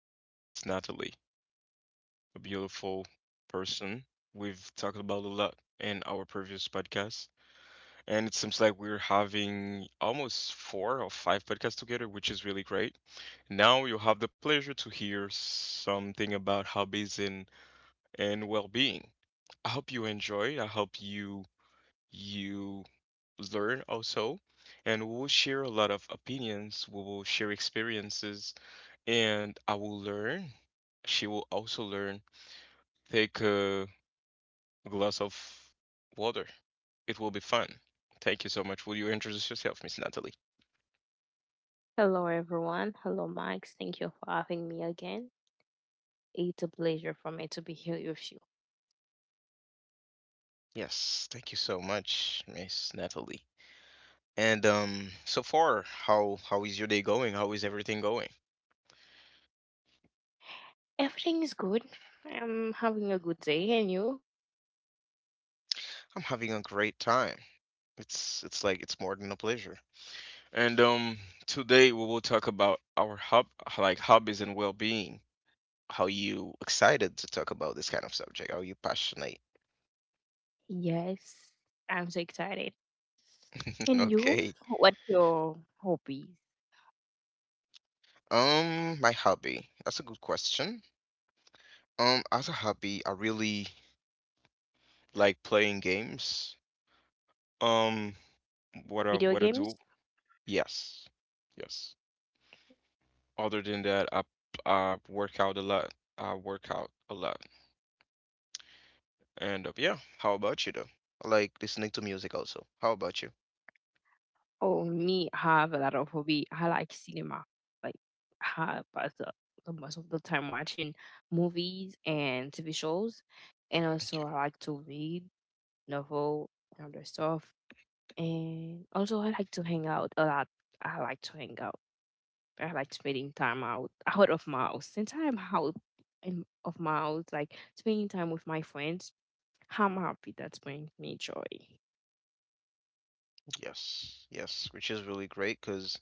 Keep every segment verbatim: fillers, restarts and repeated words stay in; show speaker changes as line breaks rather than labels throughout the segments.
podcast with Miss Natalie, a beautiful person. We've talked about a lot in our previous podcast, and it seems like we're having almost four or five podcasts together, which is really great. Now you'll have the pleasure to hear something about hobbies and and well-being. I hope you enjoy. I hope you you learn also, and we'll share a lot of opinions. We will share experiences and I will learn. She will also learn. Take a glass of water. It will be fun. Thank you so much. Will you introduce yourself, Miss Natalie?
Hello, everyone. Hello, Max. Thank you for having me again. It's a pleasure for me to be here with you.
Yes, thank you so much, Miss Natalie. And um, so far, how how is your day going? How is everything going?
Everything is good. I'm having a good day, and you?
I'm having a great time. It's it's like it's more than a pleasure. And um, today we will talk about our hub like hobbies and well-being. How you excited to talk about this kind of subject? Are you passionate?
Yes, I'm so excited. And you?
Okay.
What your hobbies?
Um, my hobby. That's a good question. Um, as a hobby, I really like playing games. Um, what I
Video
what I do?
games?
Yes, yes. Other than that, I I work out a lot. I work out a lot. And uh, yeah, how about you though? I like listening to music also. How about you?
Oh, me have a lot of hobby. I like cinema. Like, I pass the, the most of the time watching movies and T V shows, and also I like to read novel and other stuff. And also, I like to hang out a lot. I like to hang out. I like spending time out out of my house. Since I'm out in, of my house, like spending time with my friends, I'm happy. That's brings me joy.
Yes, yes, which is really great because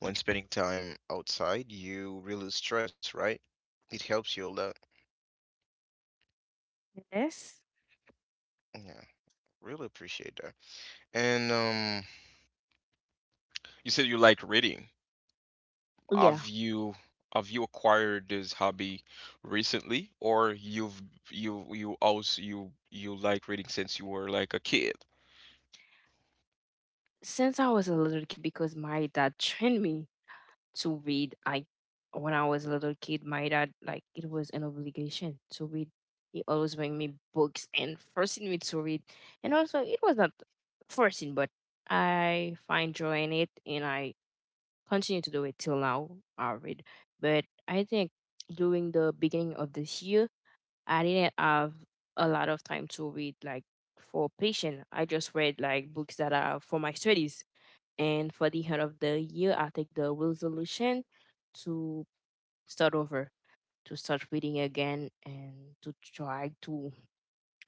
when spending time outside, you release stress, right? It helps you a lot.
Yes.
Yeah, really appreciate that. And um, you said you like reading.
Yeah.
Have you have you acquired this hobby recently, or you've you you also you you like reading since you were like a kid?
Since I was a little kid, because my dad trained me to read. I when I was a little kid, my dad like it was an obligation to read. He always bring me books and forcing me to read. And also it was not forcing, but I find joy in it and I continue to do it till now. I read. But I think during the beginning of this year I didn't have a lot of time to read like for patient. I just read like books that are for my studies and for the end of the year, I take the resolution to start over, to start reading again, and to try to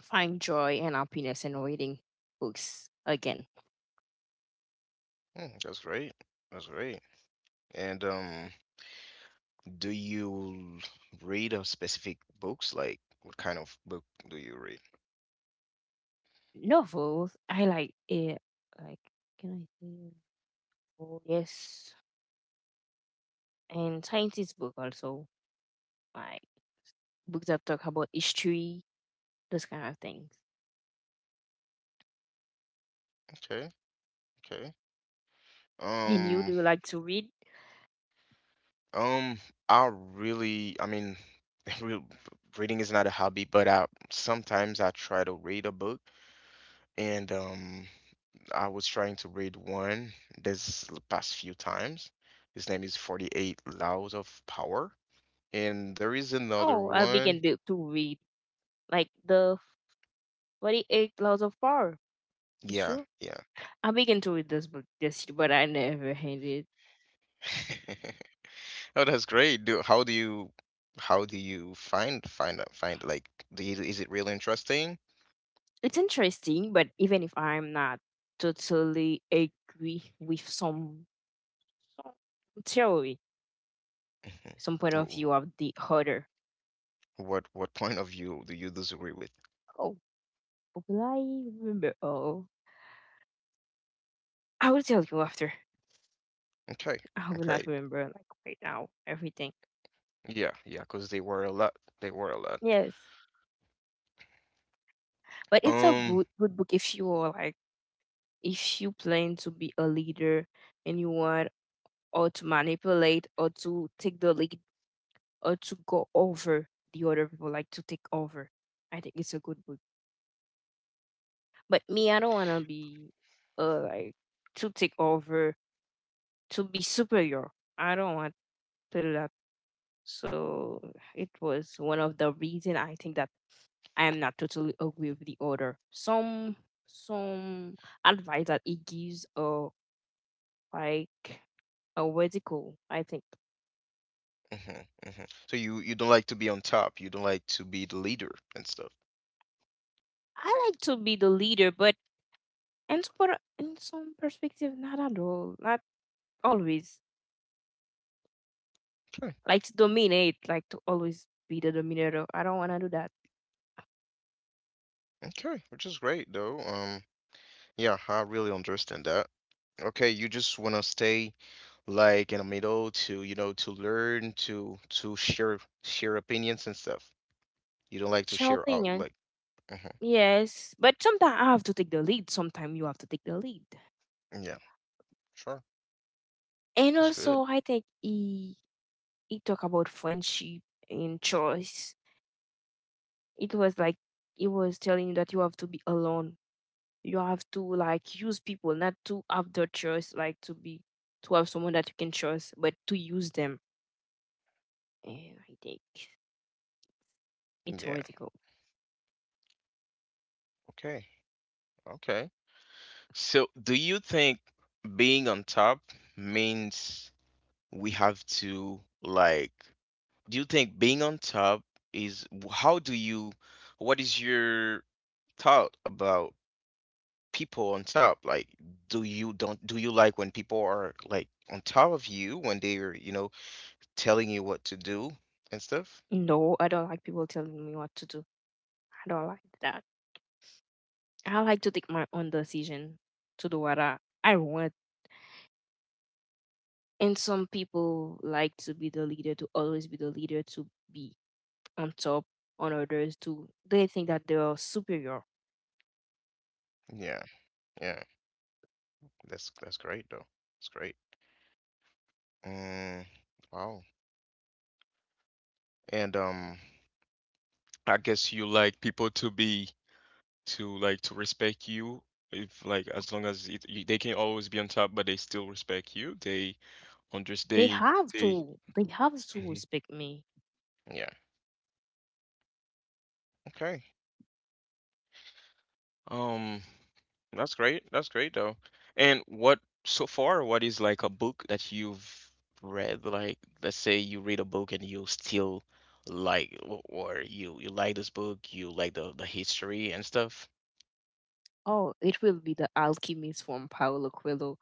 find joy and happiness in reading books again.
Hmm, that's great. That's great. And um, do you read a specific books? Like, what kind of book do you read?
Novels, I like it. Like, can I say? Novel? Yes, and scientist book also. Like books that talk about history, those kind of things.
Okay, okay.
And you do
Um,
you like to read?
um, I really, I mean, real reading is not a hobby, but I sometimes I try to read a book. And um I was trying to read one this past few times. His name is forty-eight Laws of Power. And there is another
Oh, I began
one.
to, to read like the forty-eight Laws of Power. Is
Yeah,
true.
yeah.
I'm big into with this book, this, but I never had it.
Oh, that's great. Do how do you how do you find find uh, find like the, is it really interesting?
It's interesting, but even if I'm not totally agree with some, some theory,
Mhm.
some point of
Wh-
view of the author.
What what point of view do you disagree with?
Oh, but will I remember? Oh, I will tell you after.
Okay.
I will not
Okay.
remember like right now everything.
Yeah, yeah, because they were a lot. They were a lot.
Yes, but it's a
Um.
good good book if you are like if you plan to be a leader and you want or to manipulate or to take the lead uh, to go over the other people, like to take over. I think it's a good book. But me, I don't want to be uh, like to take over, to be superior. I don't want to do that. So it was one of the reason I think that I am not totally agree with the order. Some some advice that it gives or like a radical, I think.
Hmm. Hmm. So you you don't like to be on top. You don't like to be the leader and stuff.
I like to be the leader, but in some, per- in some perspective, not at all. Not always.
Okay.
Like to dominate, like to always be the dominator. I don't want to do that.
Okay, which is great though. Um, yeah, I really understand that. Okay, you just want to stay like in the middle to, you know, to learn, to to share share opinions and stuff. You don't like to
Share
share out
opinion,
like. Hmm.
yes, but sometimes I have to take the lead. Sometimes you have to take the lead.
Yeah, sure.
And
It's good.
also, I think he he talked about friendship and choice. It was like it was telling you that you have to be alone. You have to like use people, not to have the choice, like to be to have someone that you can trust, but to use them. And I think it's
Yeah.
worth it.
Okay. Okay. So, do you think being on top means we have to like do you think being on top is how do you what is your thought about people on top like do you don't do you like when people are like on top of you when they're you know telling you what to do and stuff?
No, I don't like people telling me what to do. I don't like that. I like to take my own decision to do what I, I want. And some people like to be the leader, to always be the leader, to be on top on others, to they think that they are superior.
Yeah, yeah, that's that's great though. It's great. Mm, wow. And um I guess you like people to be to like to respect you if like as long as it, you, they can always be on top but they still respect you they on this
They
day
have
day.
to they have to
Mhm.
respect me.
Yeah. Okay. Um, that's great. That's great though. And what so far, what is like a book that you've read? Like, let's say you read a book and you still like, o- or you you like this book, you like the the history and stuff.
Oh, it will be the alchemist from Paulo Coelho.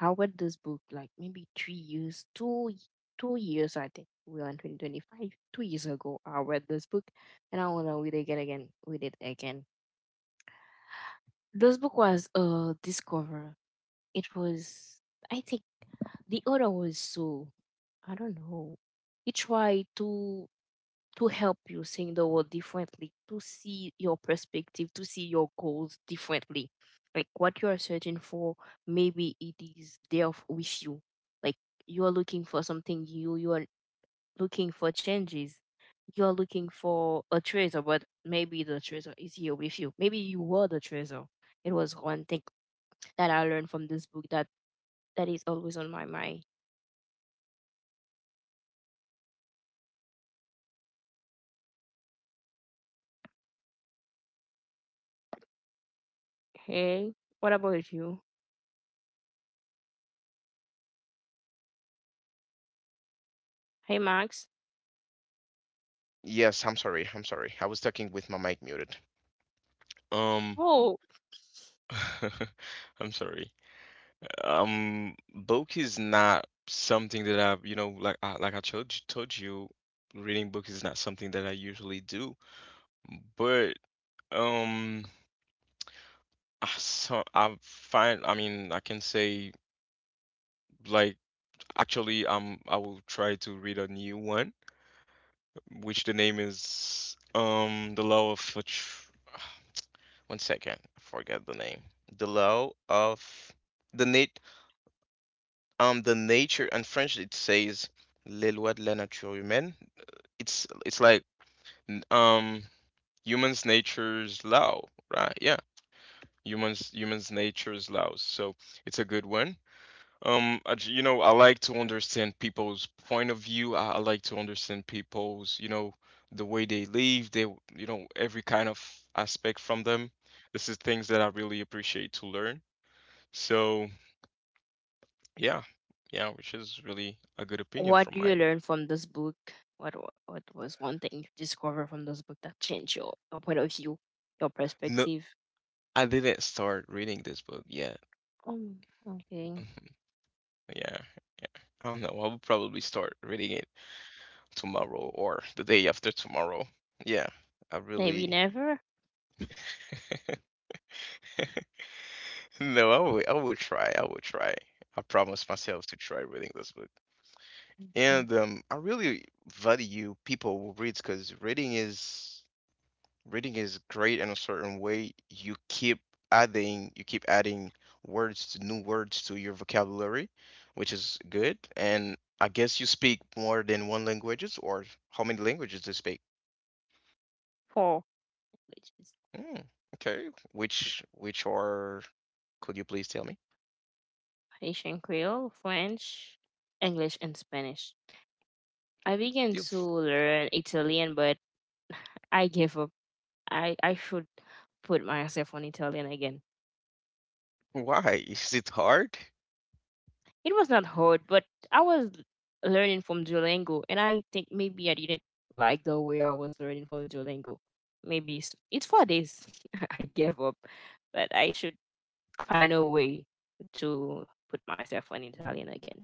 I read this book like maybe three years, two y- two years I think. We are in twenty twenty five. Two years ago I read this book and I wanna read it again again read it again. This book was uh Discover. It was I think the other was so I don't know. It tried to to help you seeing the world differently, to see your perspective, to see your goals differently. Like what you are searching for, maybe it is there f- with you. Like you are looking for something new, you are looking for changes. You are looking for a treasure, but maybe the treasure is here with you. Maybe you were the treasure. It was one thing that I learned from this book that that is always on my mind. Hey, what about you? Hey, Max.
Yes, I'm sorry. I'm sorry. I was talking with my mic muted. Um,
Oh,
I'm sorry. Um, book is not something that I've, you know, like I, like I told you, told you, reading book is not something that I usually do. But um, I so I find, I mean, I can say like actually, um, I will try to read a new one, which the name is um, The Law of Attr- one second, I forget the name. The Law of the nat um the nature. In French it says Les lois de la nature humaine. It's it's like um humans nature's law, right? Yeah, humans humans nature's laws. So it's a good one. um I j- you know, I like to understand people's point of view. i, I like to understand people's, you know, the way they live they you know, every kind of aspect from them. This is things that I really appreciate to learn. So yeah, yeah, which is really a good opinion
what
from
do you
mine.
learn from this book? What wa- what was one thing you discovered from this book that changed your, your point of view, your
No,
perspective?
I didn't start reading this book yet.
Um, okay,
Yeah, I don't know. I will probably start reading it tomorrow or the day after tomorrow. Yeah, I
maybe
really
never.
no. I will. I will try. I will try. I promise myself to try reading this book.
Okay,
And um, I really value people who reads because reading is reading is great in a certain way. You keep adding. You keep adding words to new words to your vocabulary, which is good. And I guess you speak more than one languages or how many languages do you speak?
four which is
Mm, okay. Which which are could you please tell me?
Haitian Creole, French, English, and Spanish. I began to
You've
learn Italian, but I gave up. I, I should put myself on Italian again.
why? Is it hard?
It was not hard, but I was learning from Duolingo, and I think maybe I didn't like the way I was learning from Duolingo. Maybe it's, it's four days. I gave up, but I should find a way to put myself on Italian again.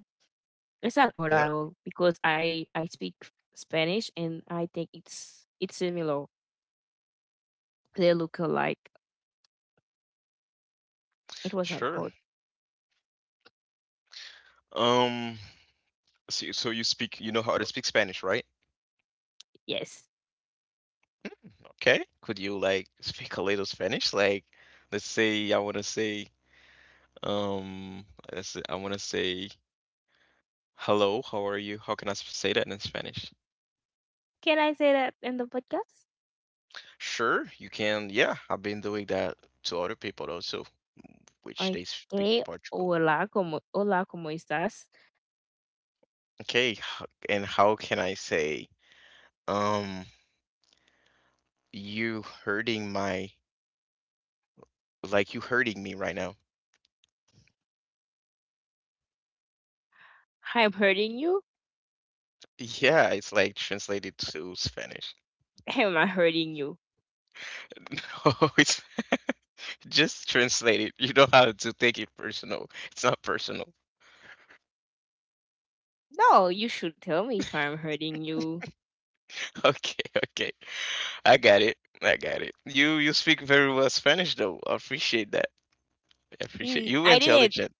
It's not hard at
Yeah,
all because I I speak Spanish, and I think it's it's similar. They look alike. It was not
sure.
hard.
Um, so, so you speak, you know how to speak Spanish, right?
Yes.
Okay. Could you like speak a little Spanish? Like, let's say I want to say, um, let's say, I want to say hello. How are you? How can I s- say that in Spanish?
Can I say that in the podcast?
Sure, you can. Yeah, I've been doing that to other people also, which they speak
Okay.
Portugal.
Hola, como, hola, como estás?
Okay, h- and how can I say? Um, you hurting my like you hurting me right now.
I'm hurting you?
Yeah, it's like translated to Spanish.
Am I hurting you?
No, it's just translated. You don't have to take it personal. It's not personal.
No, you should tell me if I'm hurting you.
Okay, okay. I got it. I got it. You you speak very well Spanish though. I appreciate that. I appreciate
"Mm,
you
I didn't.
intelligent.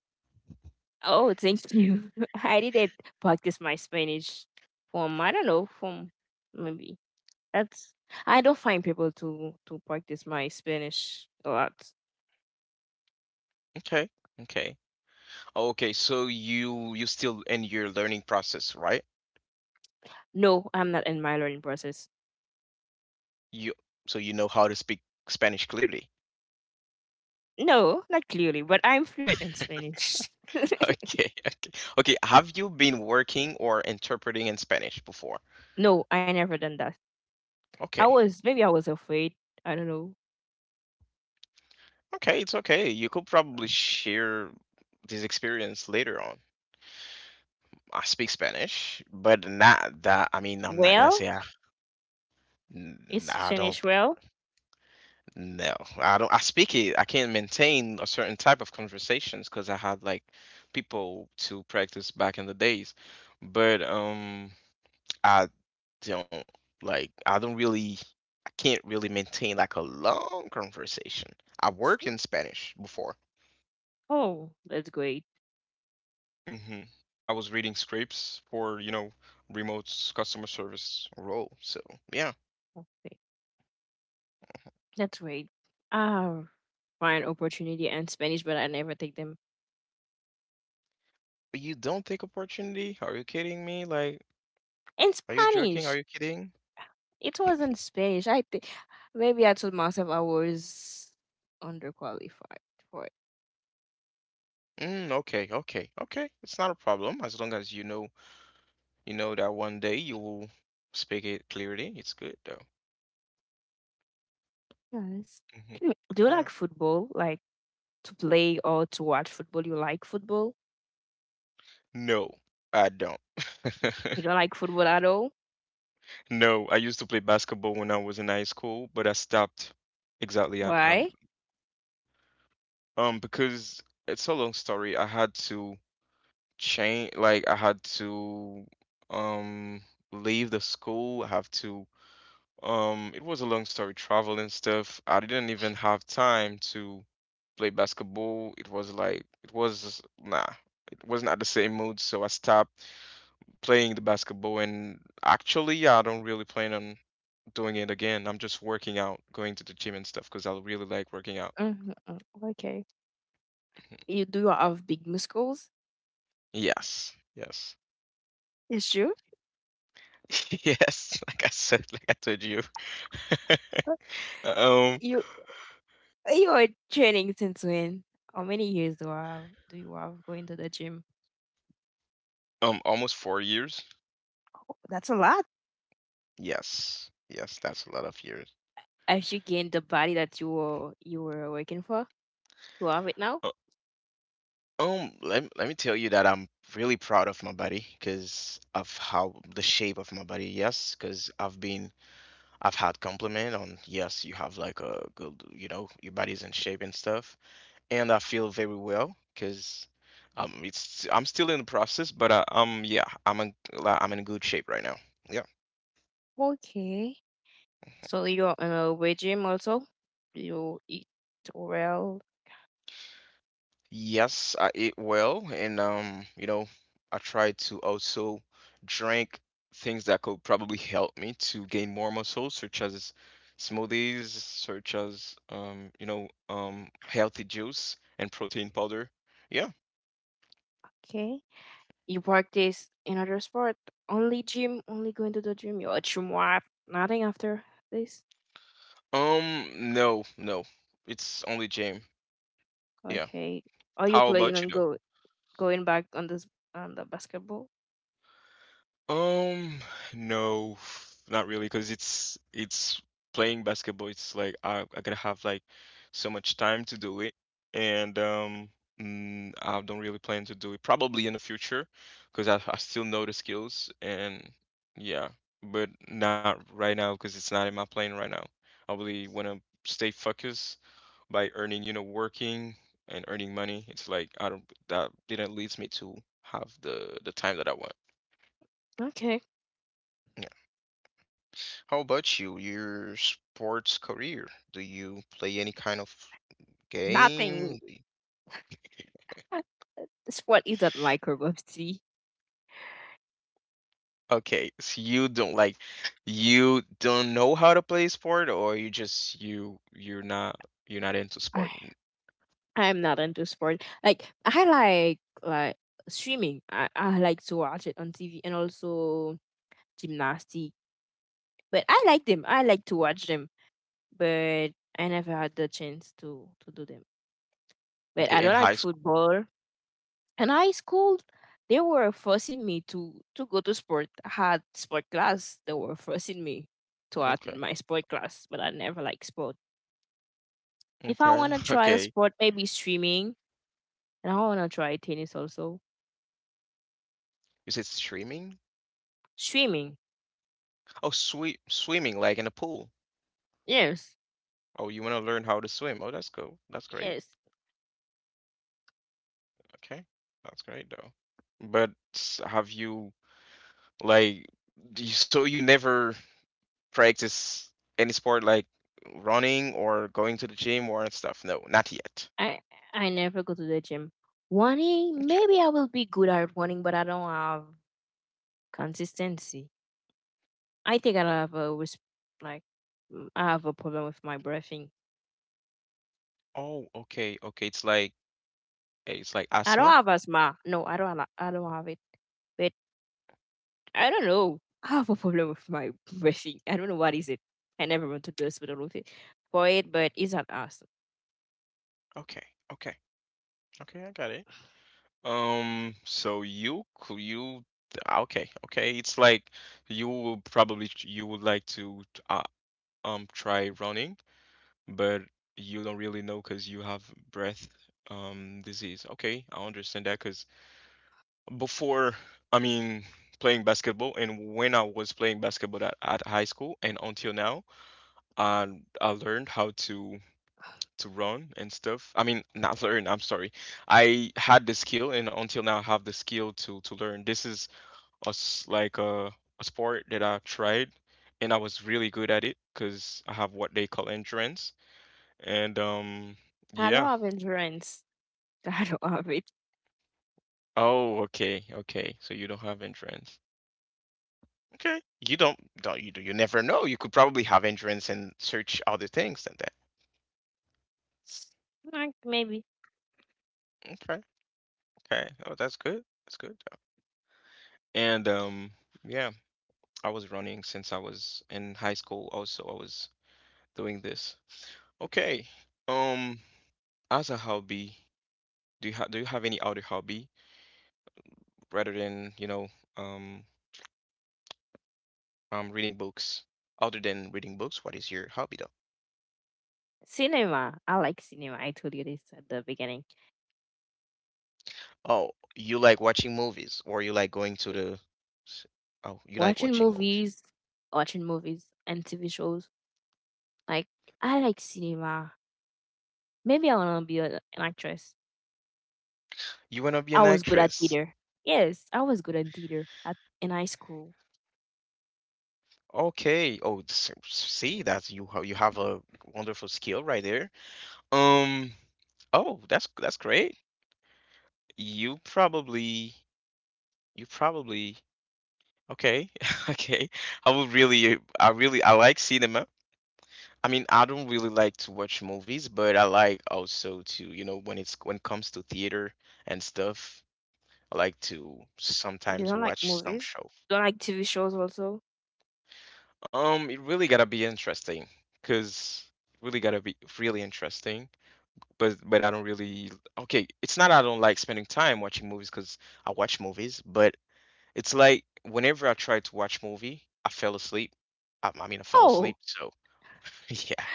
Oh, thank you. I didn't practice my Spanish from, I don't know, from maybe. That's. I don't find people to, to practice my Spanish a lot.
Okay. Okay. Okay, so you you still in your learning process, right?
No, I'm not in my learning process.
You So you know how to speak Spanish clearly.
No, not clearly, but I'm fluent in Spanish.
Okay, okay. Okay, have you been working or interpreting in Spanish before?
No, I never done that. I
Okay.
was, maybe I was afraid. I don't know.
Okay, it's okay. You could probably share this experience later on. I speak Spanish, but not that. I mean, I'm not gonna
Well,
say I,
is
n- I don't.
Spanish well?
No, I don't. I speak it. I can't maintain a certain type of conversations because I had like people to practice back in the days. But um, I don't like I don't really I can't really maintain like a long conversation. I worked in Spanish before.
Oh, that's great.
Hmm. I was reading scripts for, you know, remote s- customer service role. So yeah,
Okay. That's great. Ah, find opportunity and Spanish, but I never take them
but you don't take opportunity? Are you kidding me? Like,
in
are you joking?
Spanish.
Are you kidding?
It wasn't Spanish. I think maybe I told myself I was underqualified for it.
Mm, okay, okay, okay. It's not a problem as long as you know you know that one day you will speak it clearly. It's good though.
Yes.
Hmm.
Anyway, do you
Yeah.
like football? Like to play or to watch football? You like football?
No, I don't.
You don't like football at all?
No, I used to play basketball when I was in high school, but I stopped exactly at and
Why?
um because it's a long story. I had to change, like I had to um leave the school. I have to um it was a long story, travel and stuff. I didn't even have time to play basketball. It was like it was nah, it wasn't at the same mood, so I stopped playing the basketball and actually yeah, I don't really plan on doing it again. I'm just working out, going to the gym and stuff because I really like working out.
Hmm. Okay.
Mhm.
You do you have big muscles?
Yes, yes,
It's true.
yes. Like I said, like I told you.
Uh,
Um,
You you are training since when? How many years do I have, do you have going to the gym?
um, almost four years.
Oh, that's a lot.
Yes, yes, that's a lot of years.
Have you gained the body that you were you were working for? You have it now.
Uh, Um, let let me tell you that I'm really proud of my body because of how the shape of my body. Yes, because I've been I've had compliment on yes, you have like a good, you know, your body's in shape and stuff. And I feel very well because um it's I'm still in the process, but uh, um yeah I'm in like, I'm in good shape right now. Yeah.
Okay. So you're in a weight gym also. You eat well.
Yes, I eat well, and um you know I try to also drink things that could probably help me to gain more muscle, such as smoothies, such as um you know um healthy juice and protein powder. Yeah.
Okay. You practice another sport. Only gym. Only going to the gym. You're a gym wife. Nothing after this.
Um no no, it's only gym. Yeah.
Okay. Are you
How
playing
about
on
you
go going back on this on the basketball?
Um, no, f- not really, because it's it's playing basketball. It's like I I gotta have like so much time to do it, and um, mm, I don't really plan to do it. Probably in the future, because I I still know the skills and yeah, but not right now because it's not in my plan right now. I really wanna stay focused by earning, you know, working and earning money. It's like I don't that didn't leads me to have the the time that I want.
Okay.
How about you, your sports career? Do you play any kind of
Nothing.
game?
Sport isn't my cup of tea.
Okay, so you don't like you don't know how to play sport or you just you you're not you're not into
I
sport. n-
I'm not into sport. Like I like like swimming. I, I like to watch it on T V and also gymnastic. But I like them. I like to watch them. But I never had the chance to to do them. But I
Okay,
don't
in
like
high school.
football. In high school, they were forcing me to to go to sport. I had sport class. They were forcing me to
Okay.
attend my sport class, but I never like sport. If I
Okay.
want to try a
Okay.
sport, maybe swimming and I wanna try tennis also.
Is it streaming?
Swimming,
Oh, sweet swimming like in a pool.
yes,
Oh, you want to learn how to swim. Oh, that's cool. That's great.
yes.
Okay. That's great though. But s- have you like do you- so you never practice any sport like running or going to the gym or stuff? No, not yet.
I I never go to the gym.
Okay.
Running, maybe I will be good at running, but I don't have consistency. I think I have a res- like mm, I have a problem with my breathing.
Oh, okay, okay. It's like eh, it's like
I don't
asthma.
have asthma. No, I don't. Ha- I don't have it. But I don't know. I have a problem with my breathing. I don't know what is it. I never went to the hospital with it for it, but it's not us.
Okay, okay, okay. I got it. Um, so you cou- you ah, okay, okay. It's like you will probably ch- you would like to t- uh, um try running, but you don't really know because you have breath um disease. Okay, I understand that because before I mean playing basketball and when I was playing basketball at, at high school and until now i i learned how to to run and stuff. I mean not learn, I'm sorry, I had the skill and until now I have the skill to to learn. This is a s like a, a sport that I've tried and I was really good at it because I have what they call endurance and um
I don't
yeah.
have endurance. I don't have it.
Oh okay, okay, so you don't have endurance. Okay. You don't don't you do you never know. You could probably have entrance and search other things than that.
Like maybe
Okay. Okay. Oh, that's good. That's good. uh, And um yeah, I was running since I was in high school also. I was doing this. Okay. Um as a hobby, do you ha do you have any other hobby rather than, you know, um um reading books? Other than reading books, what is your hobby though?
cinema. I like cinema. I told you this at the beginning.
Oh, you like watching movies or you like going to
Y-
the s- Oh, you like
Watching
watching movies.
movies, watching movies and T V shows. Like I like cinema. Maybe I wanna be a, an actress.
You want to be an
I was good at
actress.
theater. Yes, I was good at theater at in high school.
Okay. Oh, s- see, that's you ha- you have a wonderful skill right there. Um, oh, that's that's great. You probably you probably okay. Okay. I would really I really I like cinema. I mean, I don't really like to watch movies, but I like also to, you know, when it's when it comes to theater and stuff, I like to
You
sometimes
don't like
watch some
movies?
show.
Don't like T V shows also?
Um, it really gotta be interesting, cause really gotta be really interesting. But but I don't really okay. It's not I don't like spending time watching movies, cause I watch movies. But it's like whenever I try to watch movie, I fell asleep. I, I mean, I fell
Oh,
asleep. So yeah.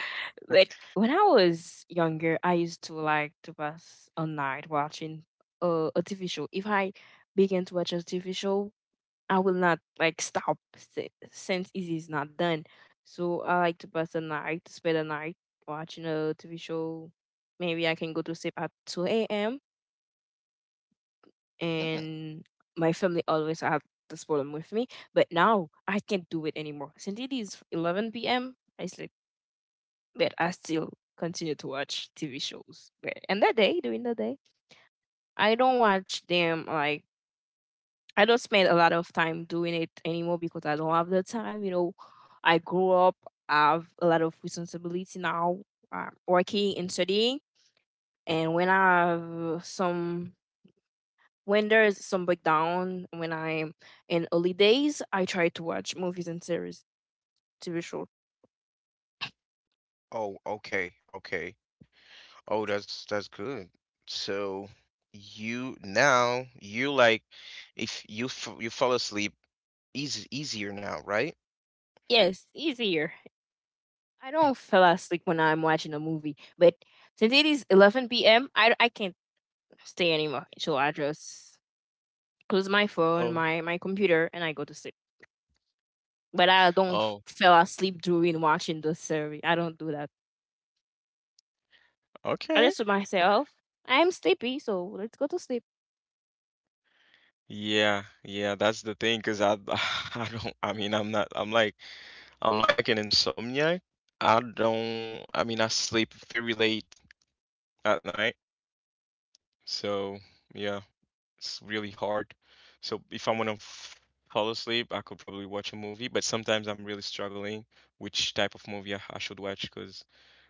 but when I was younger, I used to like to pass a night watching uh, a T V show. If I began to watch a T V show I will not like stop si- since it is not done. So I like to pass the night, to spend the night watching a T V show. Maybe I can go to sleep at two a m
Mm.
and my family always had this problem with me. But now I can't do it anymore. Since it is eleven p m, I sleep, but I still continue to watch T V shows. But- And the day, during the day, I don't watch them like I don't spend a lot of time doing it anymore because I don't have the time. You know, I grew up, I have a lot of responsibility now, uh, working and studying. And when I have some, when there's some breakdown, when I'm in early days, I try to watch movies and series, T V show.
Oh, okay, okay. Oh, that's that's good. So you now you like if you f you fall asleep easy easier now, right?
Yes, easier. I don't fall asleep when I'm watching a movie, but since it is eleven p m, I, I can't stay anymore. So I just close my phone,
Oh.
my, my computer, and I go to sleep. But I don't
Oh,
fell asleep during watching the series. I don't do that. I
okay.
just remind myself, I'm sleepy, so let's go to sleep.
Yeah, yeah, that's the thing, 'cause I I don't I mean I'm not I'm like I'm like an insomniac. I don't I mean I sleep very late at night. So, yeah, it's really hard. So, if I want to fall asleep, I could probably watch a movie, but sometimes I'm really struggling which type of movie I, I should watch 'cause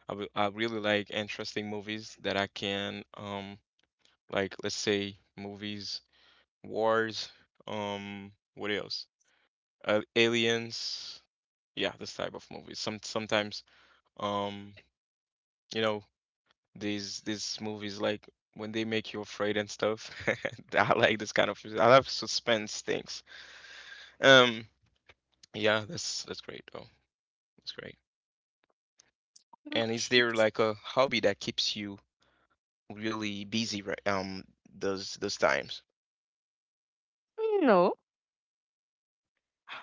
I will, I really like interesting movies that I can um like let's say movies Wars, um, what else? Uh, Aliens. Yeah, this type of movies. Some sometimes, um, you know, these these movies like when they make you afraid and stuff. I like this kind of. I love suspense things. Um, yeah, that's that's great. Oh, that's great. And is
Okay.
there like a hobby that keeps you really busy right um those those times?
No,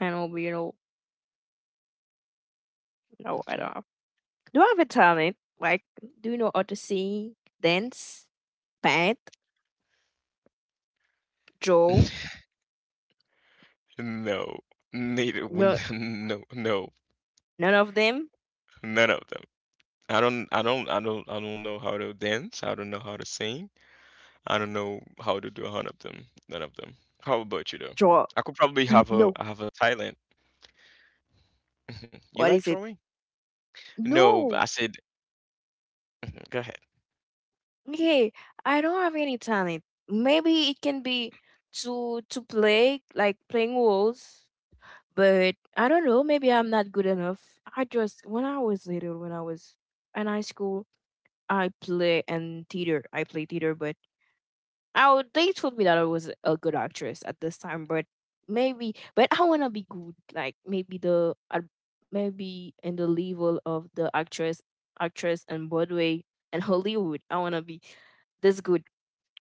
I don't you know. No, I
Okay.
don't. Do I have a talent? Like, do you know how to sing, dance, paint, draw?
No, neither. No,
No,
no, no,
none of them.
none of them. I don't, I don't, I don't, I don't know how to dance. I don't know how to sing. I don't know how to do a hundred of them, none of them. How about you though?
Draw.
I could probably
N-
have a,
No.
I have a talent. Mhm. You
What
like
is it?
drawing? No, but I
No.
said, Mhm, go ahead.
Okay, I don't have any talent. Maybe it can be to to play, like playing roles. But I don't know, maybe I'm not good enough. I just, when I was little, when I was in high school, I play and theater. I play theater, but I would- they told me that I was a good actress at this time, but maybe, but I wanna be good. Like maybe the uh, maybe in the level of the actress actress in Broadway and Hollywood. I wanna be this good.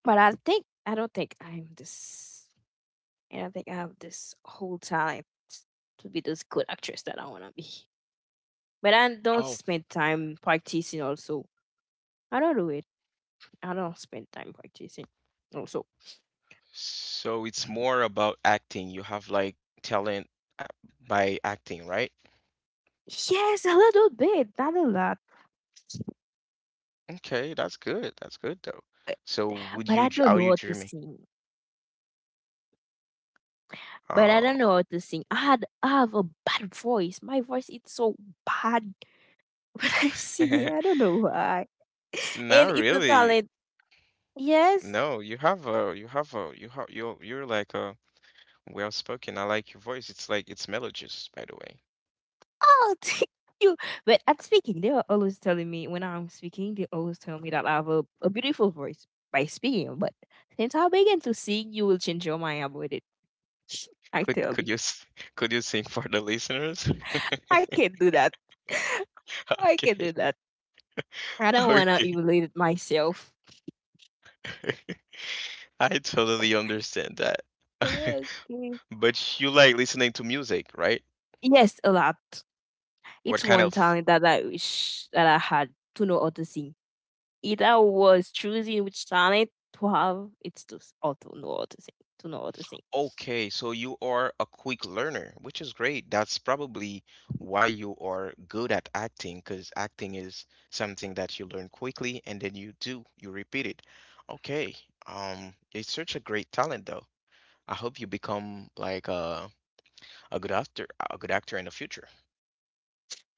But I think I don't think I'm this, and I think I have this whole talent to be this good actress that I want to be. But I don't
Oh,
spend time practicing also. I don't do it. I don't spend time practicing also.
so it's more about acting. You have like talent a- by acting, right?
Yes, a little bit, not a lot.
Okay, that's good. That's good though.
But
So would
but
you,
I
dr-
don't
are
know
you
how to
dreaming?
sing. But I
Oh,
don't know how to sing. I had I have a bad voice. My voice is so bad when I sing. I don't know why. And
not
it's a
really.
talent. Yes.
No, you have a, you have a, you have, you're, you're like a well spoken. I like your voice. It's like it's melodious, by the way.
Oh, you. But at speaking, they were always telling me when I'm speaking, they always tell me that I have a, a beautiful voice by speaking. But since I began to sing, you will change your mind about it. I
Could
tell
could you
you,
s- could you sing for the listeners?
I can't do that. I can not do
Okay.
that. I don't want to
Okay.
emulate myself.
I totally understand that.
Okay.
But you like listening to music, right?
Yes, a lot.
What
It's
kind
one
of
talent that I wish that I had, to know how to sing. Either was choosing which talent to have, it's to s- how to know how to sing, to know how to sing.
okay, so you are a quick learner, which is great. That's probably why you are good at acting, because acting is something that you learn quickly and then you do, you repeat it. Okay. Um, it's such a great talent though. I hope you become like a a good actor, a good actor in the future.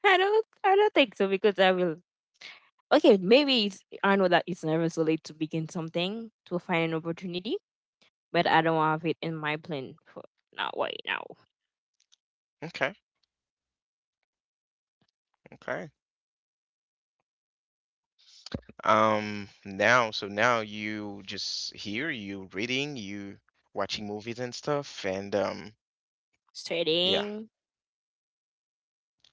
I don't I don't think so, because I will okay, maybe it's, I know that it's never so late to begin something, to find an opportunity, but I don't have it in my plan for now right now.
Okay, okay. Um, now, so now you just here, you reading, you watching movies and stuff, and um, yeah,
Studying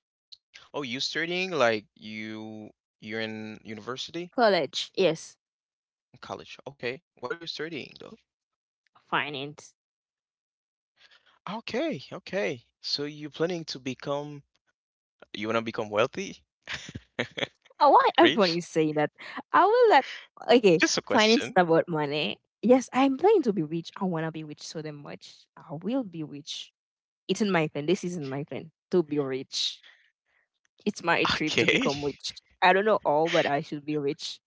study. Oh, you studying like you you're in university,
college, yes.
college. Okay, what are you studying though?
Finance.
Okay, okay. So you planning to become, you wanna become wealthy,
Oh, why
rich?
everyone is saying that? I will let okay,
Just a question.
finance is about money. Yes, I'm planning to be rich. I wanna be rich so damn much. I will be rich. It's in my plan. This is in my plan to be rich. It's my dream to
Okay.
become rich. I don't know all, but I should be rich.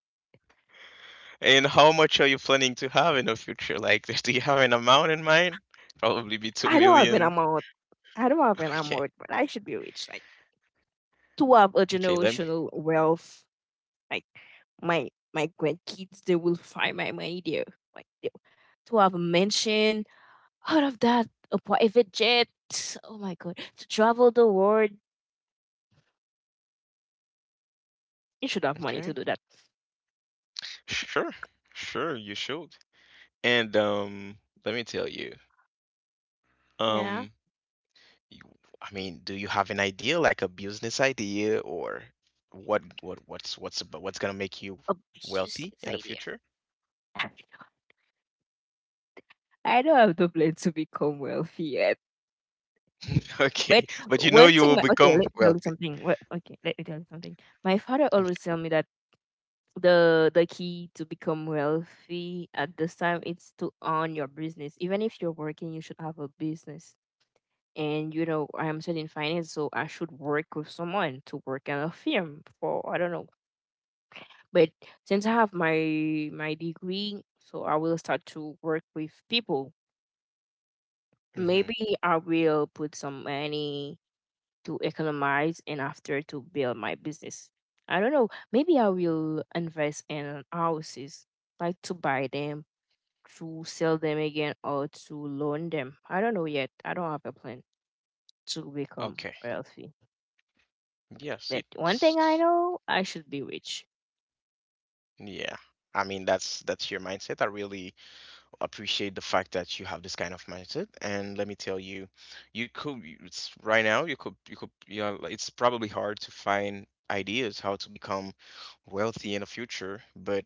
And how much are you planning to have in the future? Like, do you have an amount in mind? Probably be two
I know I've been
million.
amount. I know I've been
Okay.
amount, but I should be rich. Like, to have a
Okay, let me.
generational wealth. Like, my my grandkids, they will find my money there. Like they- to have a mansion, all of that, a private jet. Oh my god, to travel the world, you should have money to
Okay.
do that.
Sure. Sure, you should. And um let me tell you.
Yeah,
Um you, I mean, do you have an idea like a business idea or what what what's what's about what's going to make you
a business
wealthy in the
idea.
future?
I know I don't have the plan to become wealthy yet. But
Okay. But you know
one
you
thing,
will
my, okay, let
become
me tell you
wealthy.
something. Wha- Okay, let me tell you something. My father always tell me that the the key to become wealthy at this time is to own your business. Even if you're working, you should have a business. And you know, I am studying finance, so I should work with someone, to work in a firm, for I don't know. But since I have my my degree, so I will start to work with people.
Mhm.
Maybe I will put some money to economize and after to build my business. I don't know, maybe I will invest in houses, like to buy them, to sell them again, or to loan them. I don't know yet. I don't have a plan to become
Okay.
wealthy.
Yes,
But one thing I
it's
know, I should be rich.
yeah. I mean, that's that's your mindset. I really appreciate the fact that you have this kind of mindset. And let me tell you, you could it's right now you could you could you know like, it's probably hard to find ideas how to become wealthy in the future, but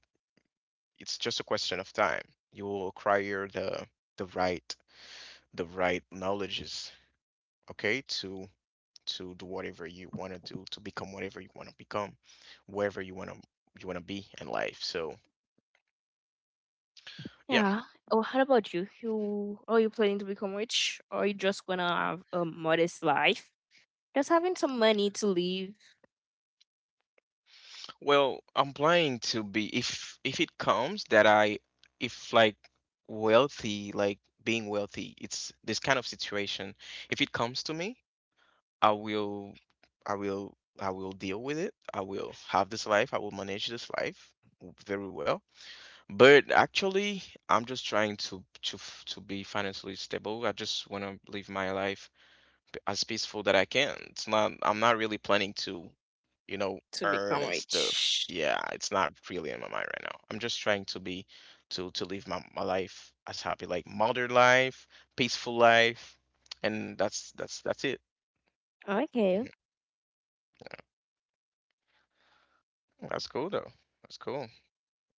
it's just a question of time. You will acquire the the right the right knowledges, okay, to to do whatever you want to do, to become whatever you want to become, wherever you want to you want to be in life. So, yeah.
Yeah. Oh, how about you? You are, you planning to become rich, or are you just gonna have a modest life? Just having some money to live,
Well, I'm planning to be if if it comes that I if like wealthy, like being wealthy, it's this kind of situation. If it comes to me, I will I will I will deal with it. I will have this life. I will manage this life very well. But actually, I'm just trying to to f- to be financially stable. I just want to live my life p- as peaceful that I can. It's not, I'm not really planning to, you know,
to become
earn and stuff.
rich.
Yeah, it's not really in my mind right now. I'm just trying to be, to to live my, my life as happy, like modern life, peaceful life, and that's that's that's it.
Okay.
Mm-hmm. That's cool though. That's cool.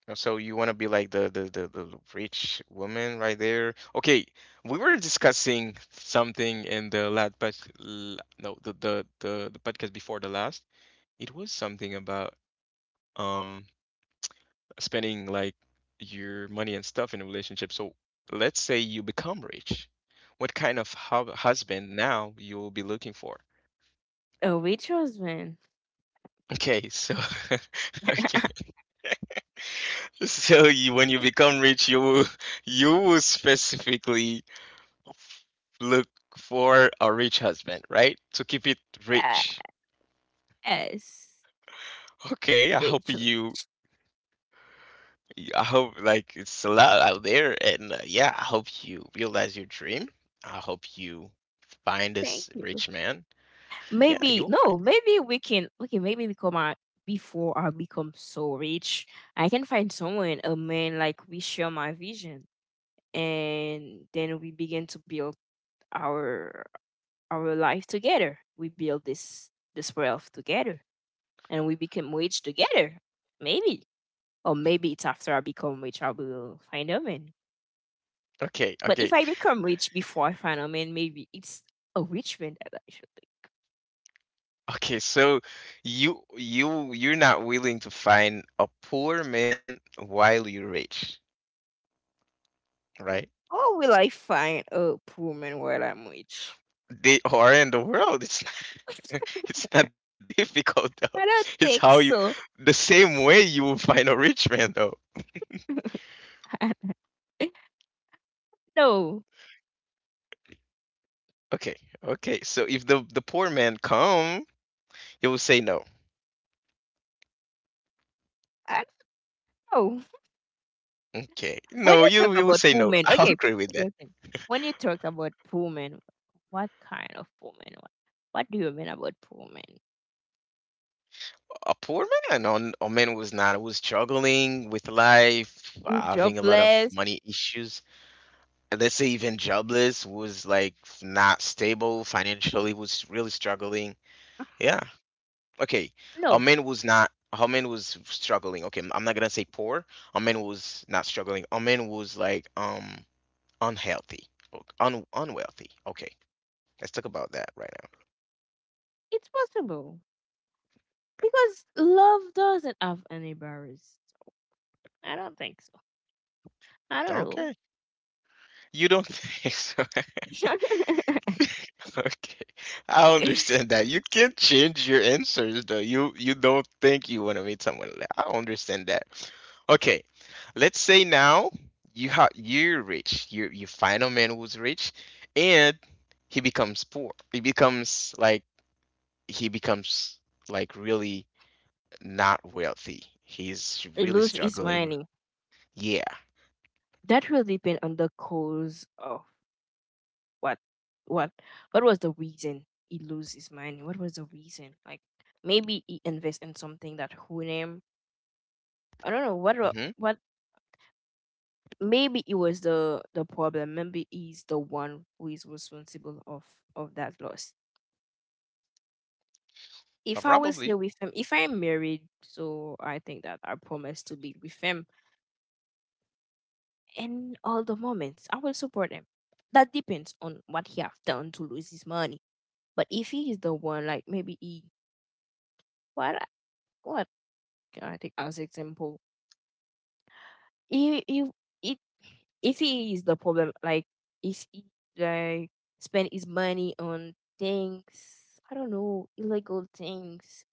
Uh, So you want to be like the, the the the rich woman right there? Okay, we were discussing something in the last pod, l- no, the, the the the podcast before the last. It was something about um spending like your money and stuff in a relationship. So let's say you become rich. What kind of hub husband now you will be looking for?
A rich husband.
Okay, so okay. So you, when you become rich, you will, you will specifically look for a rich husband, right? To keep it rich.
Yes.
Okay, I
Rich.
hope
hus-
you I hope like it's a lot out there, and uh, yeah, I hope you realize your dream. I hope you find
Thank
this
you.
rich man. Yeah,
Maybe
you'll
no, maybe we can okay, maybe become our, before I become so rich, I can find someone, a man, like we share my vision, and then we begin to build our our life together. We build this this wealth together and we become rich together. Maybe. Or maybe it's after I become rich, I will find a man.
find. Okay,
But if
okay,
I become rich before I find a man, maybe it's a rich man that I should think.
okay. So you you you're not willing to find a poor man while you're rich, right?
Or will I find a poor man while I'm rich?
They are in the world. It's not, it's not difficult though.
I don't
It's
think
how you
so.
the same way you will find a rich man though.
I- no,
Okay, okay. So if the the poor man come, he will say no.
I don't know.
Okay.
When
No,
you talk
you you will
about
say no.
women,
I'll
okay,
agree with
okay,
that.
okay. When you talk about women, what kind of woman? What, what do you mean about woman?
A poor man, on a man who was not, who was struggling with life, having a lot of
Jobless?
money issues. And let's say even jobless, was like not stable financially, was really struggling. Yeah. Okay. A
No,
man was not. A man was struggling. Okay, I'm not gonna say poor. A man was not struggling. A man was like um unhealthy, o- un unwealthy. Okay, let's talk about that right
it's possible, because love doesn't have any barriers. I don't think so. I don't
now.
know.
Okay, you don't think so? Okay, I
It
understand that. You can change your answers though. You you don't think you want to meet someone. Like- I understand that. Okay, let's say now you have you're rich. You you find a man who's rich, and he becomes poor. He becomes like he becomes like really not wealthy. He's really
loses its
struggling.
money.
Yeah.
That will depend on the cause of what what what was the reason he lose his money? What was the reason? Like, maybe he invest in something that hurt him. I don't know what wa-
Mm-hmm.
what maybe it was the the problem. Maybe he's the one who is responsible of of that loss. If
Uh,
I was still
Probably.
with him, if I'm married, so I think that I promise to be with him in all the moments. I will support him. That depends on what he have done to lose his money. But if he is the one, like maybe he what I take as example, if if if if he is the problem, like if he like spend his money on things, I don't know, illegal things,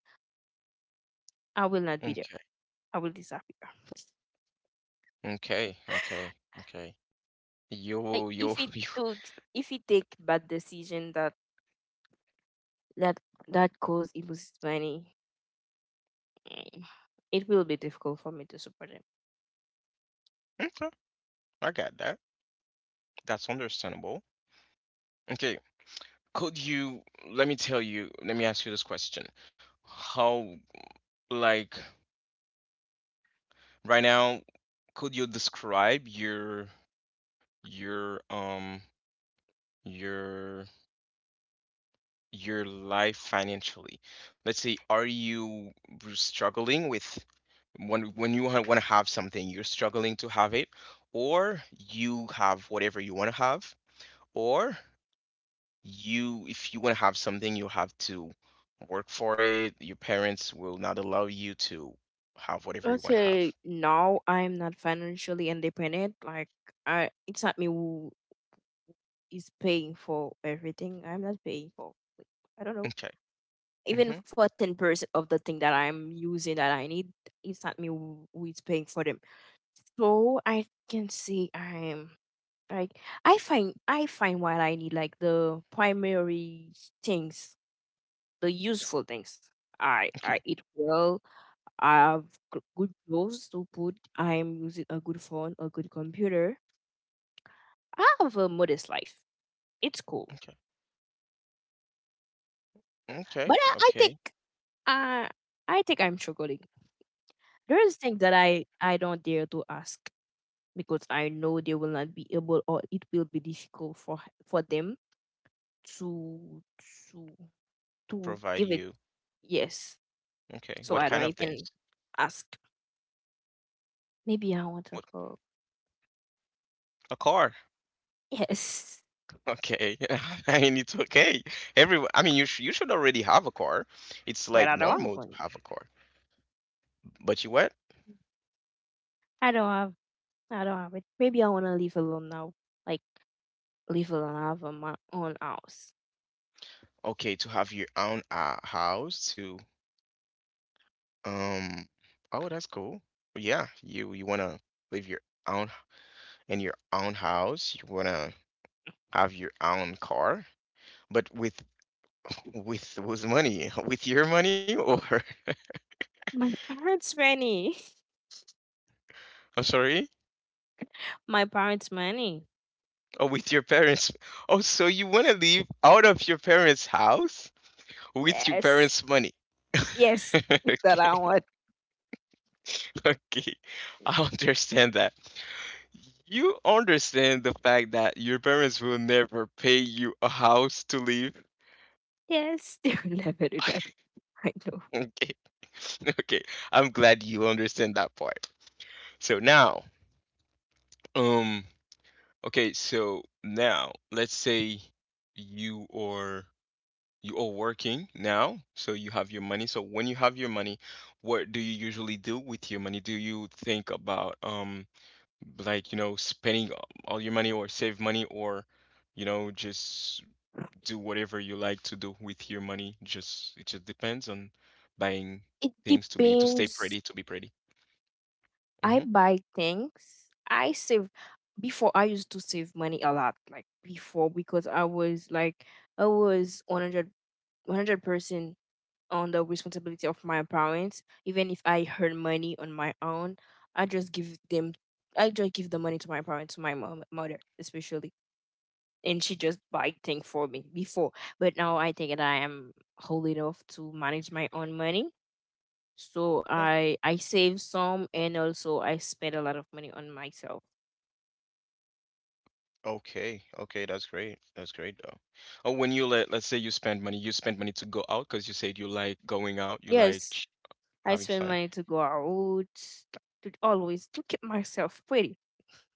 I will not be there.
Okay.
I will disappear.
Okay. Okay. Okay. You
Like
you
if he took, if he take bad decision that that that cause he loses money, mm, it will be difficult for me to support him.
you. I got that. That's understandable. Okay, could you let me tell you, let me ask you this question. How, like, right now, could you describe your your um your your life financially? Let's say, are you struggling with, when when you want to have something, you're struggling to have it, or you have whatever you want to have, or you if you want to have something you have to work for it, your parents will not allow you to have whatever you want to have?
Okay, now I'm not financially independent. Like, I, it's not me who is paying for everything. I'm not paying for. Like, I don't know.
Okay.
Even
Mm-hmm.
for ten percent of the thing that I'm using that I need, it's not me who who is paying for them. So I can say I'm like I find, I find what I need, like the primary things, the useful things. I I
Okay.
eat well. I have g- good clothes to put. I am using a good phone, a good computer. I have a modest life. It's cool.
Okay. Okay.
But I, I think
Okay.
I I think I'm struggling. There is things that I I don't dare to ask, because I know they will not be able, or it will be difficult for h- for them to to to
Provide
give it,
you.
yes.
Okay,
So
what
I
kind
don't
of things?
even ask. Maybe I want to
What,
call.
a car?
Yes,
Okay. I mean, it's okay. Everyone. I mean, you, sh- you should already have a car. It's
but
like
I don't have
normal to
one.
have a car. But you what?
I don't have. I don't have it. Maybe I want to live alone now. Like, live alone. I have my own house.
Okay, to have your own uh, house, to um oh, that's cool. Yeah, you you want to live your own in your own house. You wanna have your own car, but with with with money, with your money, or
My parents' money.
I'm sorry,
My parents' money.
or with your parents. Oh, so you wanna live out of your parents' house with your
Yes.
parents' money?
Yes, it's
Okay.
tarawan.
Okay, I understand that. You understand the fact that your parents will never pay you a house to live.
Yes, they will never do that. I know.
Okay. Okay. I'm glad you understand that part. So now, um, okay, so now let's say you are you are working now, so you have your money. So when you have your money, what do you usually do with your money? Do you think about um like, you know, spending all your money or save money, or you know, just do whatever you like to do with your money. Just it just depends on buying
It
things to be to stay
depends.
pretty, to be pretty.
I
Mm-hmm.
buy things. I save. Before, I used to save money a lot, like before, because I was like I was one hundred, one hundred percent on the responsibility of my parents. Even if I earn money on my own, I just give them. I just give the money to my parents, to my mom, mother especially, and she just buy things for me before. But now I think that I am whole enough to manage my own money. So I I save some, and also I spend a lot of money on myself.
Okay, okay, that's great. That's great though. Oh, when you let let's say you spend money, you spend money to go out, because you said you like going out, you like
Yes,
ch-
I
having
spend
fun.
money to go out, to always to keep myself pretty.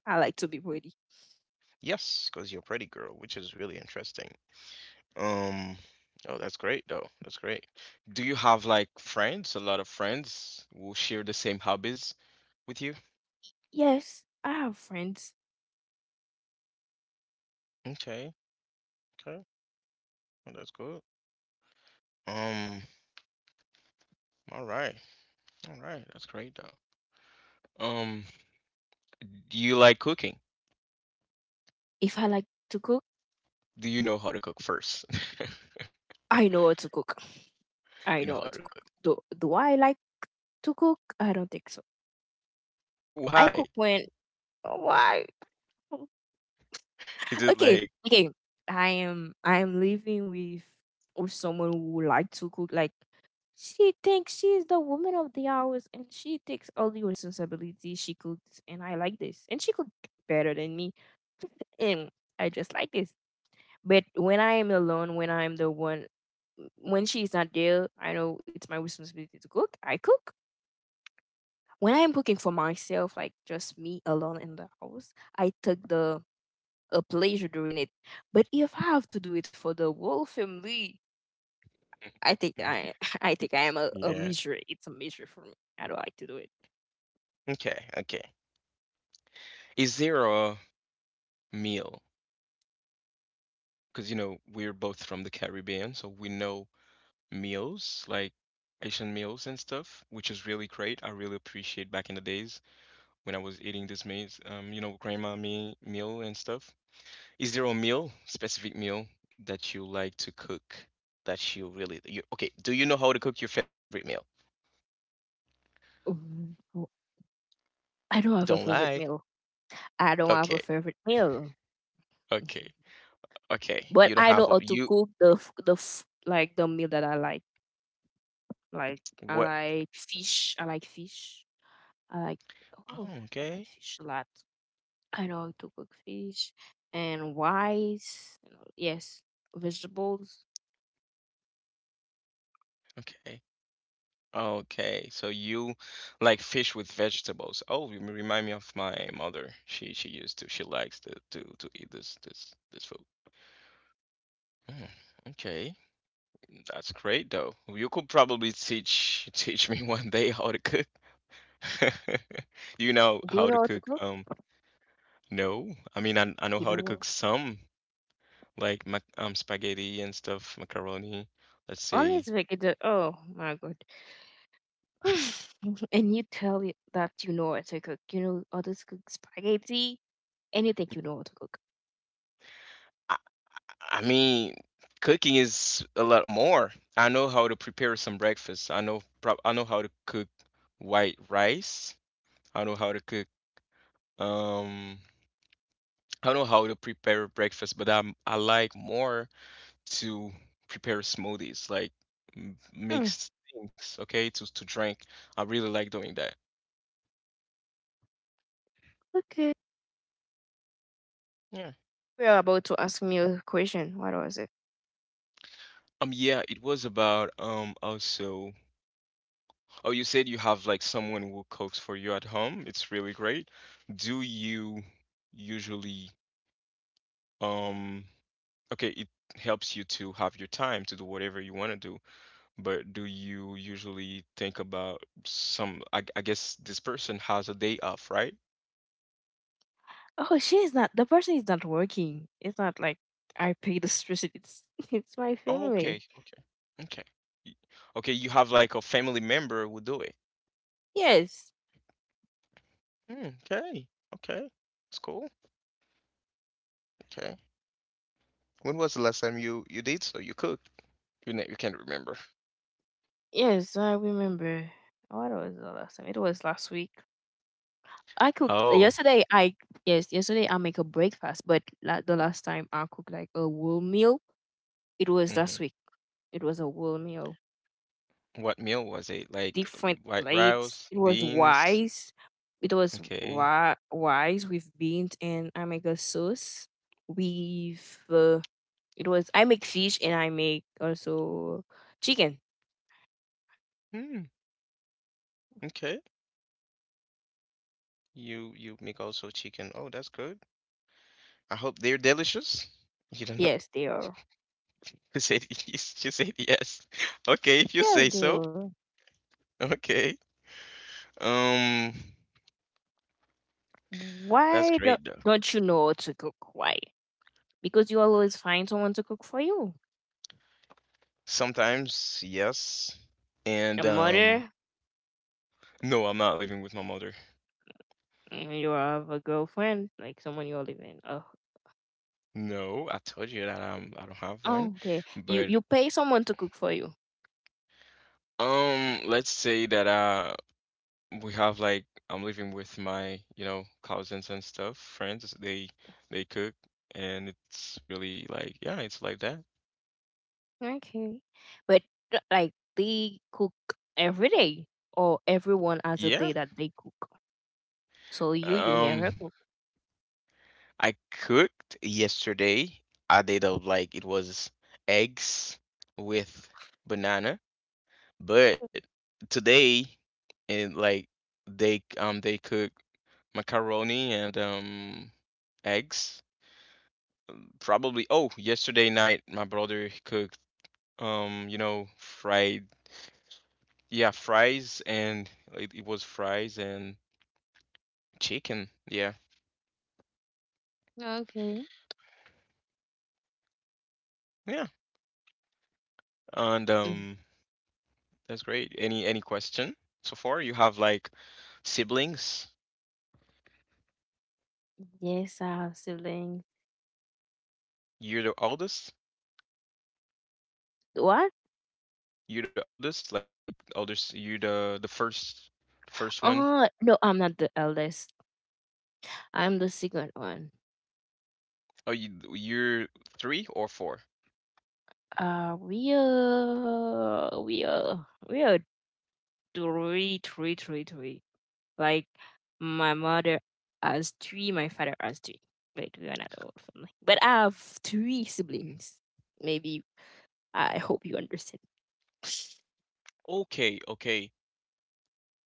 I like to be pretty.
Yes, because you're a pretty girl, which is really interesting. Um, oh, that's great though. That's great. Do you have like friends, a lot of friends, who share the same hobbies with you?
Yes, I have friends.
Okay, okay, well, that's good. Um, all right, all right, that's great though. Um, do you like cooking?
If I like to cook,
Do you know how to cook first?
I know how to cook. I
You know
know
how
how
to
to cook.
cook.
Do do I like to cook? I don't think so. I cook
Why?
when why?
Is it
Okay,
like,
okay. I am I am living with or someone who like to cook. Like, she thinks she is the woman of the hours and she takes all the responsibility. She cooks and I like this. And she cook better than me. And I just like this. But when I am alone, when I am the one, when she is not there, I know it's my responsibility to cook. I cook. When I am cooking for myself, like just me alone in the house, I took the a pleasure doing it. But if I have to do it for the whole family, I think I I think I am a, a
yeah.
misery. It's a misery for me. I don't like to do it.
Okay, okay. Is there a meal? Because, you know, we're both from the Caribbean, so we know meals, like Asian meals and stuff, which is really great. I really appreciate back in the days when I was eating this meals, um, you know, grandma me meal and stuff. Is there a meal, specific meal, that you like to cook, that you really you okay, do you know how to cook your favorite meal?
Mm, oh, I don't
Don't
have a
lie.
favorite meal. I don't
Okay,
have a favorite meal.
okay,
Mhm.
okay. You don't
But
have
I
a
know how
you
to cook the f- the f- like the meal that I like. Like I
what?
like fish. I like fish. I like Oh,
Oh,
I
okay.
like fish a lot. I know how to cook fish and rice. you know, Yes, vegetables.
Okay. Okay. So you like fish with vegetables. Oh, you remind me of my mother. She she used to she likes to to to eat this this this food. Mm, okay. That's great though. You could probably teach teach me one day how to cook. You know
Do you
how to
know how to
cook
cook?
um no. I mean, I I know
You
how to cook
know,
some, like, mac um spaghetti and stuff, macaroni. Let's say,
honest wicked. uh, Oh my god! And you tell it that you know how to cook. You know how to cook spaghetti, and you think you know how to cook.
I mean, cooking is a lot more. I know how to prepare some breakfast. I know, prob I know how to cook white rice. I know how to cook, um I know how to prepare breakfast, but I'm I like more to prepare smoothies, like m-
Mm,
mixed things, okay, to to drink. I really like doing that.
okay.
Yeah.
We are about to ask me a question. What was it?
Um yeah, it was about um also, oh, you said you have like someone who cooks for you at home. It's really great. Do you usually, um, okay, it helps you to have your time to do whatever you want to do, but do you usually think about some, I, I guess this person has a day off, right?
Oh, she is not. The person is not working. It's not like I pay the electricity. It's, it's my
Oh,
family.
okay, okay, okay. Y- Okay, you have like a family member who do it.
Yes,
Mm, okay, okay, it's cool. Okay. When was the last time you you did so? You cooked? You, ne- you can't remember.
yes, I remember. What was the last time? It was last week. I cooked
Oh.
yesterday. I Yes, yesterday I make a breakfast, but la- the last time I cooked like a whole meal, it was
Mm-hmm.
last week. It was a whole meal,
What meal was it? Like
different
white
plates.
rice,
It was
beans?
wise. It was
Okay.
wi- wise with beans, and I make a sauce with. Uh, it was I make fish and I make also chicken.
Hmm. Okay. You you make also chicken. Oh, that's good. I hope they're delicious. You don't know.
Yes, they are.
You said you said yes. Okay, if you say
Yes, they
so.
are.
Okay. Um, that's
Why do,
great though.
don't you know how to cook? Why? Because you always find someone to cook for you.
Sometimes yes,
Your
and um,
mother,
no, I'm not living with my mother.
and you have a girlfriend, like someone you're living. Oh,
No, I told you that I'm I don't have one,
oh, okay. You
but
you pay someone to cook for you.
um, let's say that uh we have like, I'm living with my, you know, cousins and stuff, friends. They they cook, and it's really like, yeah, it's like that.
Okay, but uh, like they cook every day, or everyone has a
Yeah.
day that they cook. So you you
Um,
never cook.
I cooked yesterday. I did a, like it was eggs with banana, but today, and like, they um they cook macaroni and um eggs. Probably, oh, yesterday night my brother cooked um you know, fried, yeah, fries, and it, it was fries and chicken. Yeah.
Okay.
Yeah. And
Mm,
um, that's great. Any any question so far? You have like siblings?
yes, I have siblings.
You're the oldest?
What?
You're the oldest? Like oldest, you're the the first first one?
Oh no, I'm not the eldest. I'm the second one.
Oh, you you're three or four?
Uh, we are we are we are three, three, three, three. Like my mother has three, my father has three. Like we are not a whole family, but I have three siblings. Maybe I hope you understand.
Okay, okay.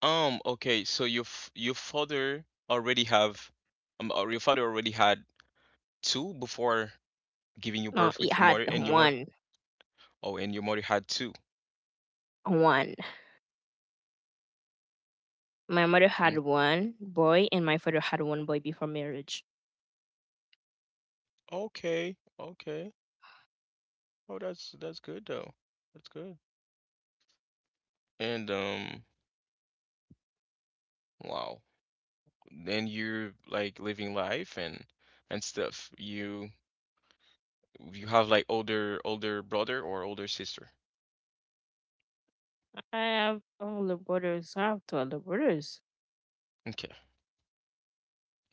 Um, okay. So your f- your father already have, um or your father already had two before giving you
No,
birth
it
with your
had
mother and your mother.
one,
Oh, and your mother had two.
one. My mother had
Mm,
one boy, and my father had one boy before marriage.
okay, okay. Oh, that's that's good though. That's good. And um, wow. Then you're like living life and and stuff. You you have like older older brother or older sister.
I have older brothers. I have two older brothers,
Okay.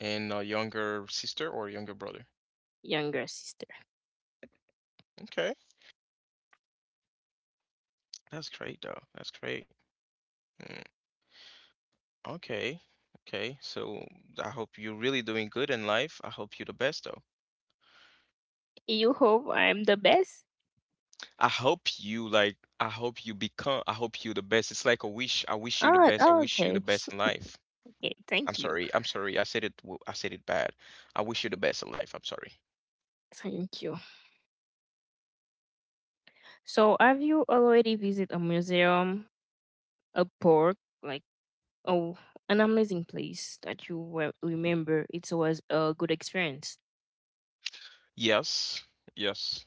And a younger sister or younger brother.
younger sister.
Okay. That's great though. That's great. Mm, okay. Okay. So I hope you're really doing good in life. I hope you the best though.
You hope I'm the best.
I hope you like I hope you become I hope you the best. It's like a wish. I wish you the
Ah,
best. I
oh,
wish you the
okay.
best in life.
Okay,
I'm
thank you.
sorry. I'm sorry. I said it w- I said it bad. I wish you the best in life. I'm sorry.
Thank you. So, have you already visited a museum? A park, like, oh, an amazing place that you will remember. It was a good experience.
Yes. Yes.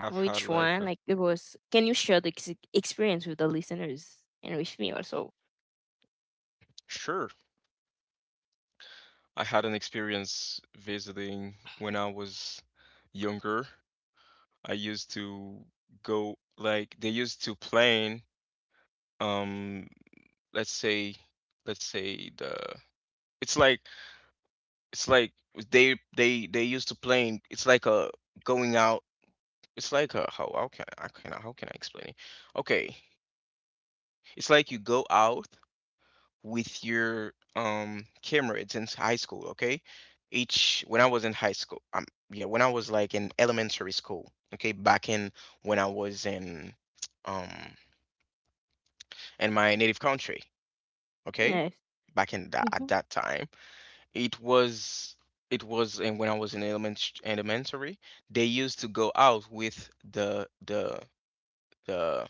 I've had
Which
like
one?
a
Like it was. Can you share the ex- experience with the listeners and with me also?
Sure. I had an experience visiting when I was younger. I used to go, like, they used to plane, um let's say, let's say the, it's like, It's like they they they used to playing. It's like a going out. It's like a, how how can I can how can I explain it? Okay, it's like you go out with your um camera. It's in high school. Okay, each when I was in high school. Um, yeah, when I was like in elementary school. Okay, back in, when I was in, um in my native country. Okay,
Yes.
back in that at
Hmm.
that time it was, it was and when I was in element, elementary, they used to go out with the the the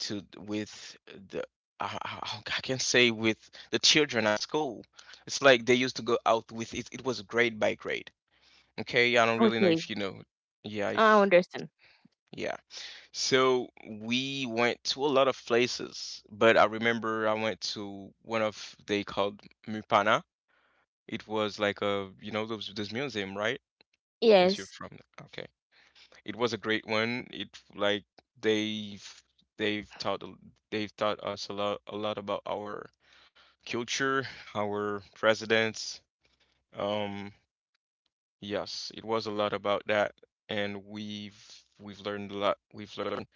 to with the, I, I I can say, with the children at school. It's like they used to go out with it. It was grade by grade. Okay, I don't really know
Okay.
if you know. Yeah,
I
if
understand.
yeah. So we went to a lot of places, but I remember I went to one of, they called, Mupana. It was like a, you know those, this museum, right? Since you're
Yes.
from the- okay, it was a great one. It, like, they've they've taught a- they've taught us a lot, a lot about our culture, our presidents, um, yes, it was a lot about that. And we've we've learned a lot. we've learned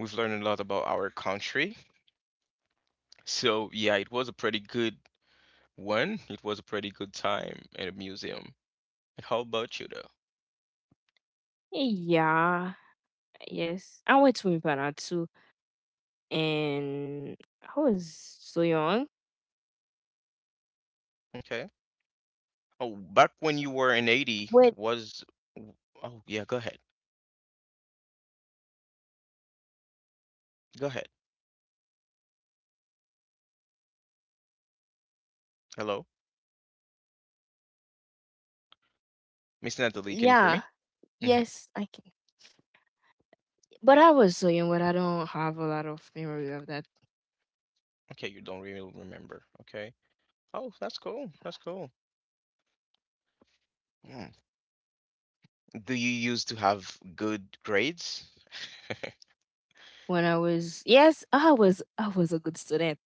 We've learned a lot about our country. So yeah, it was a pretty good one. It was a pretty good time at a museum. And how about you though?
Yeah. Yes. I went to Impala too, and I was so young.
Okay. Oh, back when you were in eighty
But
was, w- oh yeah, go ahead. Go ahead. Hello, Miss Natalie, can you hear
yeah.
me? Hmm.
Yes, I can. But I was so young, but I don't have a lot of memory of that.
Okay, you don't really remember. Okay. Oh, that's cool. That's cool. Mm. Do you used to have good grades?
When I was Yes, I was I was a good student.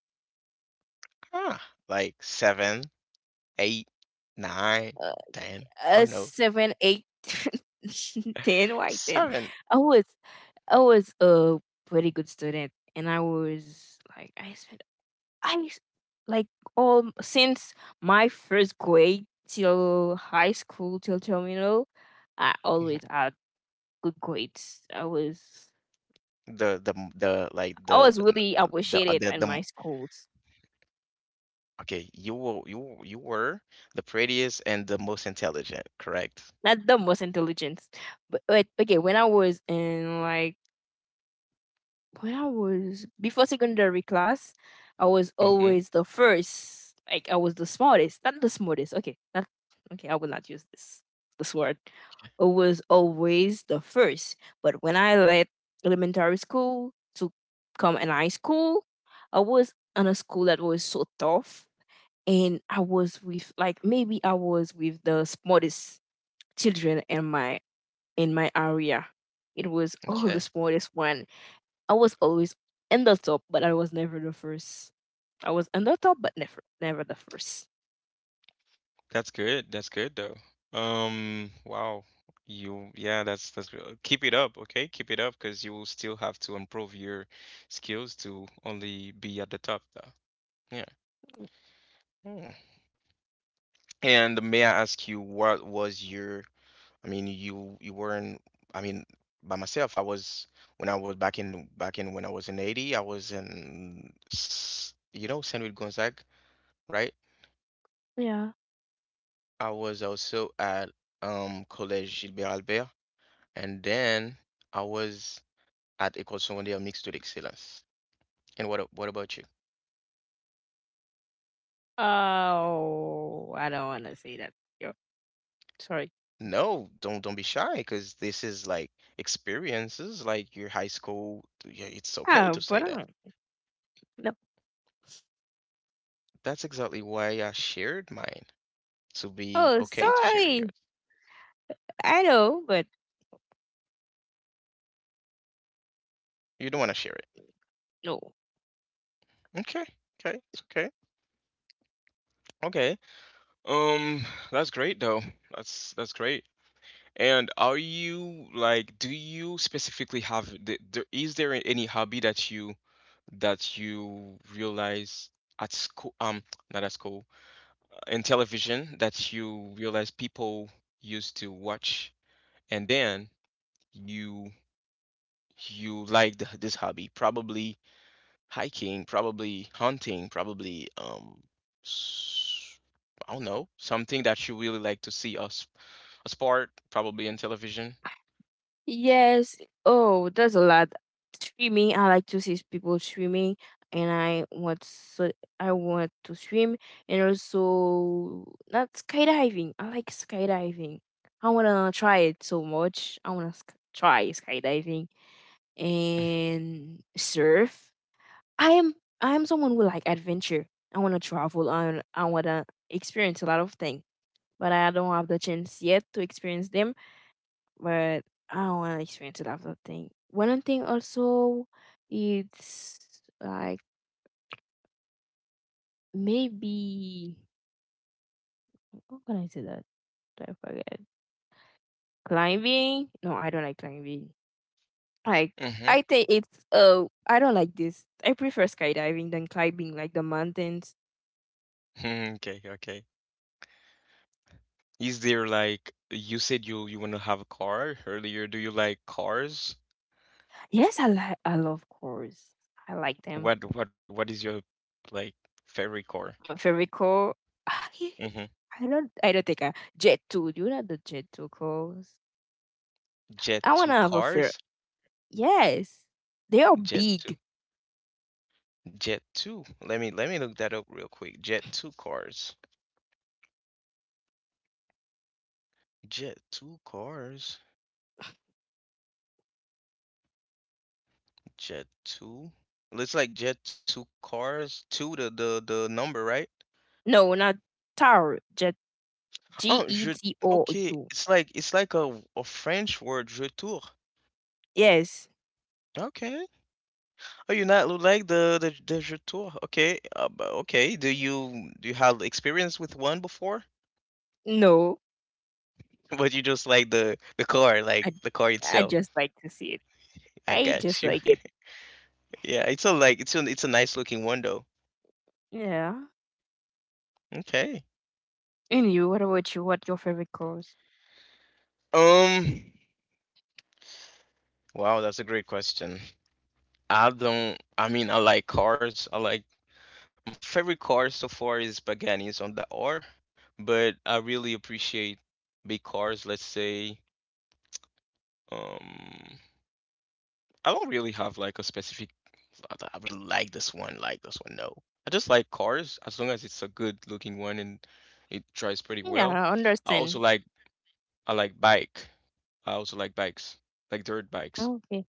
Ah, like seven, eight, nine, ten. I
A
don't know.
seven, eight, ten, why ten?
Seven.
I was I was a pretty good student, and I was like I spent I s- like all since my first grade till high school till terminal, I always
Mhm.
had good grades. I was
The the m- the like
I
the
was
n-
really
the uh,
appreciated
the, the
in
m-
my schools.
okay. You were you you were the prettiest and the most intelligent, correct?
Not the most intelligent, but, but okay, when I was in like when I was before secondary class, I was
Mm-hmm.
always the first. Like I was the smartest, not the smartest. Okay, not okay. I will not use this this word. I was always the first. But when I left elementary school to come in high school, I was in a school that was so tough, and I was with like maybe I was with the smartest children in my in my area. It was all the
Okay.
smartest one. I was always in the top, but I was never the first. I was in the top, but never, never the first.
That's good. That's good though. Um, wow. You, yeah, that's that's real. Keep it up, okay? Keep it up, because you will still have to improve your skills to only be at the top though. Yeah. Mm. And may I ask you what was your, I mean, you you weren't, I mean, by myself, I was when I was back in back in when I was in Haiti. I was in, s- you know, Saint Louis Gonzague, right?
Yeah.
I was also at, um, Collège Gilbert Albert. And then I was at École Secondaire Mixte de l'Excellence. And what, a- what about you?
Oh, I don't want to say that. Yo, sorry.
No, don't don't be shy, because this is like experiences, like your high school. Yeah, it's okay
Oh,
to
but
say
I don't
that.
know. No.
That's exactly why I shared mine, to be
Oh,
okay to share
sorry.
yours.
I know, but
You don't want to share it.
no.
Okay. Okay. It's okay. Okay. Um, that's great though. That's that's great. And are you like, do you specifically have the, there is there any hobby that you, that you realize at school, um, not at school, in television, that you realize people used to watch, and then you you liked this hobby, probably hiking, probably hunting, probably um, s- I don't know, something that you really like to see us, a sport, probably in television.
Yes. Oh, there's a lot. Streaming. I like to see people streaming, and I want so I want to stream, and also not skydiving. I like skydiving. I wanna try it so much. I wanna sk- try skydiving and surf. I am I am someone who like adventure. I wanna travel. I I wanna experience a lot of things, but I don't have the chance yet to experience them but I don't want to experience a lot of things. One thing also, it's like maybe how can I say that? I forget. Climbing? No, I don't like climbing. Like
Mm-hmm.
I think it's uh I don't like this. I prefer skydiving than climbing, like the mountains.
Hmm, okay, okay. Is there, like, you said you you want to have a car earlier? Do you like cars?
Yes, I like I love course. I like them.
What what what is your, like, favorite car?
My favorite core. I
Mm-hmm.
don't I don't think I jet two. Do you know the jet two course?
Jet
I
two
wanna have a fair
cars?
Yes, they are
Jet two.
big.
Jet two. Let me let me look that up real quick. Jet two cars. Jet two cars. Jet two. Looks like Jet two cars. two, the the the number, right?
No, not taro. Just
Oh,
G E
je,
T O
okay,
U.
it's like, it's like a, a French word, je tour.
Yes.
Okay. Oh, you not look like the the the je tour. Okay. Uh, bu- okay. Do you do you have experience with one before?
No,
But you just like the the car, like
I
the car
I
itself.
just like to see it.
I
I just
got you.
like it.
Yeah, it's a like it's a it's a nice looking one though.
Yeah.
Okay.
And you? What about you? What your favorite cars?
Um. Wow, that's a great question. I don't. I mean, I like cars. I like, my favorite car so far is Paganis on the R, but I really appreciate big cars. Let's say. Um. I don't really have like a specific, I, th- I really like this one, like this one. No, I just like cars as long as it's a good looking one and it drives pretty
Yeah,
well.
I
I also
understand.
like, I like bike. I also like bikes, like dirt bikes.
Okay.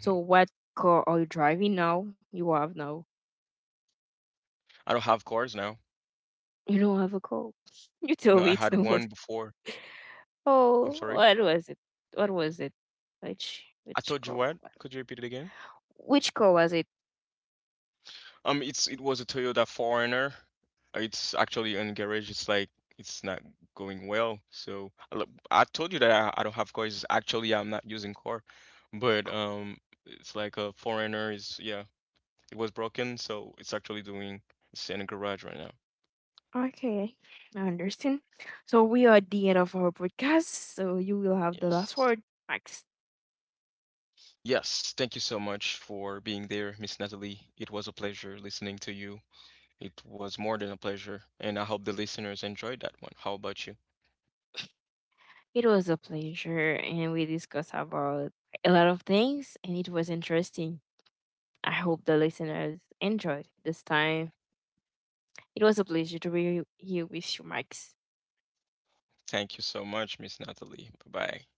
So what car are you driving now? You have now.
I don't have cars now.
You don't have a car. You
No,
told
I
me it's
had
the
one
most.
before. I'm
Oh,
sorry.
what was it? What was it? Which
I
which
told you
car?
what? Could you repeat it again?
Which car was it?
Um, it's it was a Toyota four runner. It's actually in garage. It's like it's not going well. So I lo- I told you that, I, I don't have cars. Actually, I'm not using car, but um, it's like a four runner is, yeah. It was broken, so it's actually doing, it's in a garage right now.
Okay, I understand. So we are at the end of our podcast. So you will have the last
Yes.
word, Max.
Yes, thank you so much for being there, Miss Natalie. It was a pleasure listening to you. It was more than a pleasure, and I hope the listeners enjoyed that one. How about you?
It was a pleasure, and we discussed about a lot of things, and it was interesting. I hope the listeners enjoy this time. It was a pleasure to be here with you, Max.
Thank you so much, Miss Natalie. Bye bye.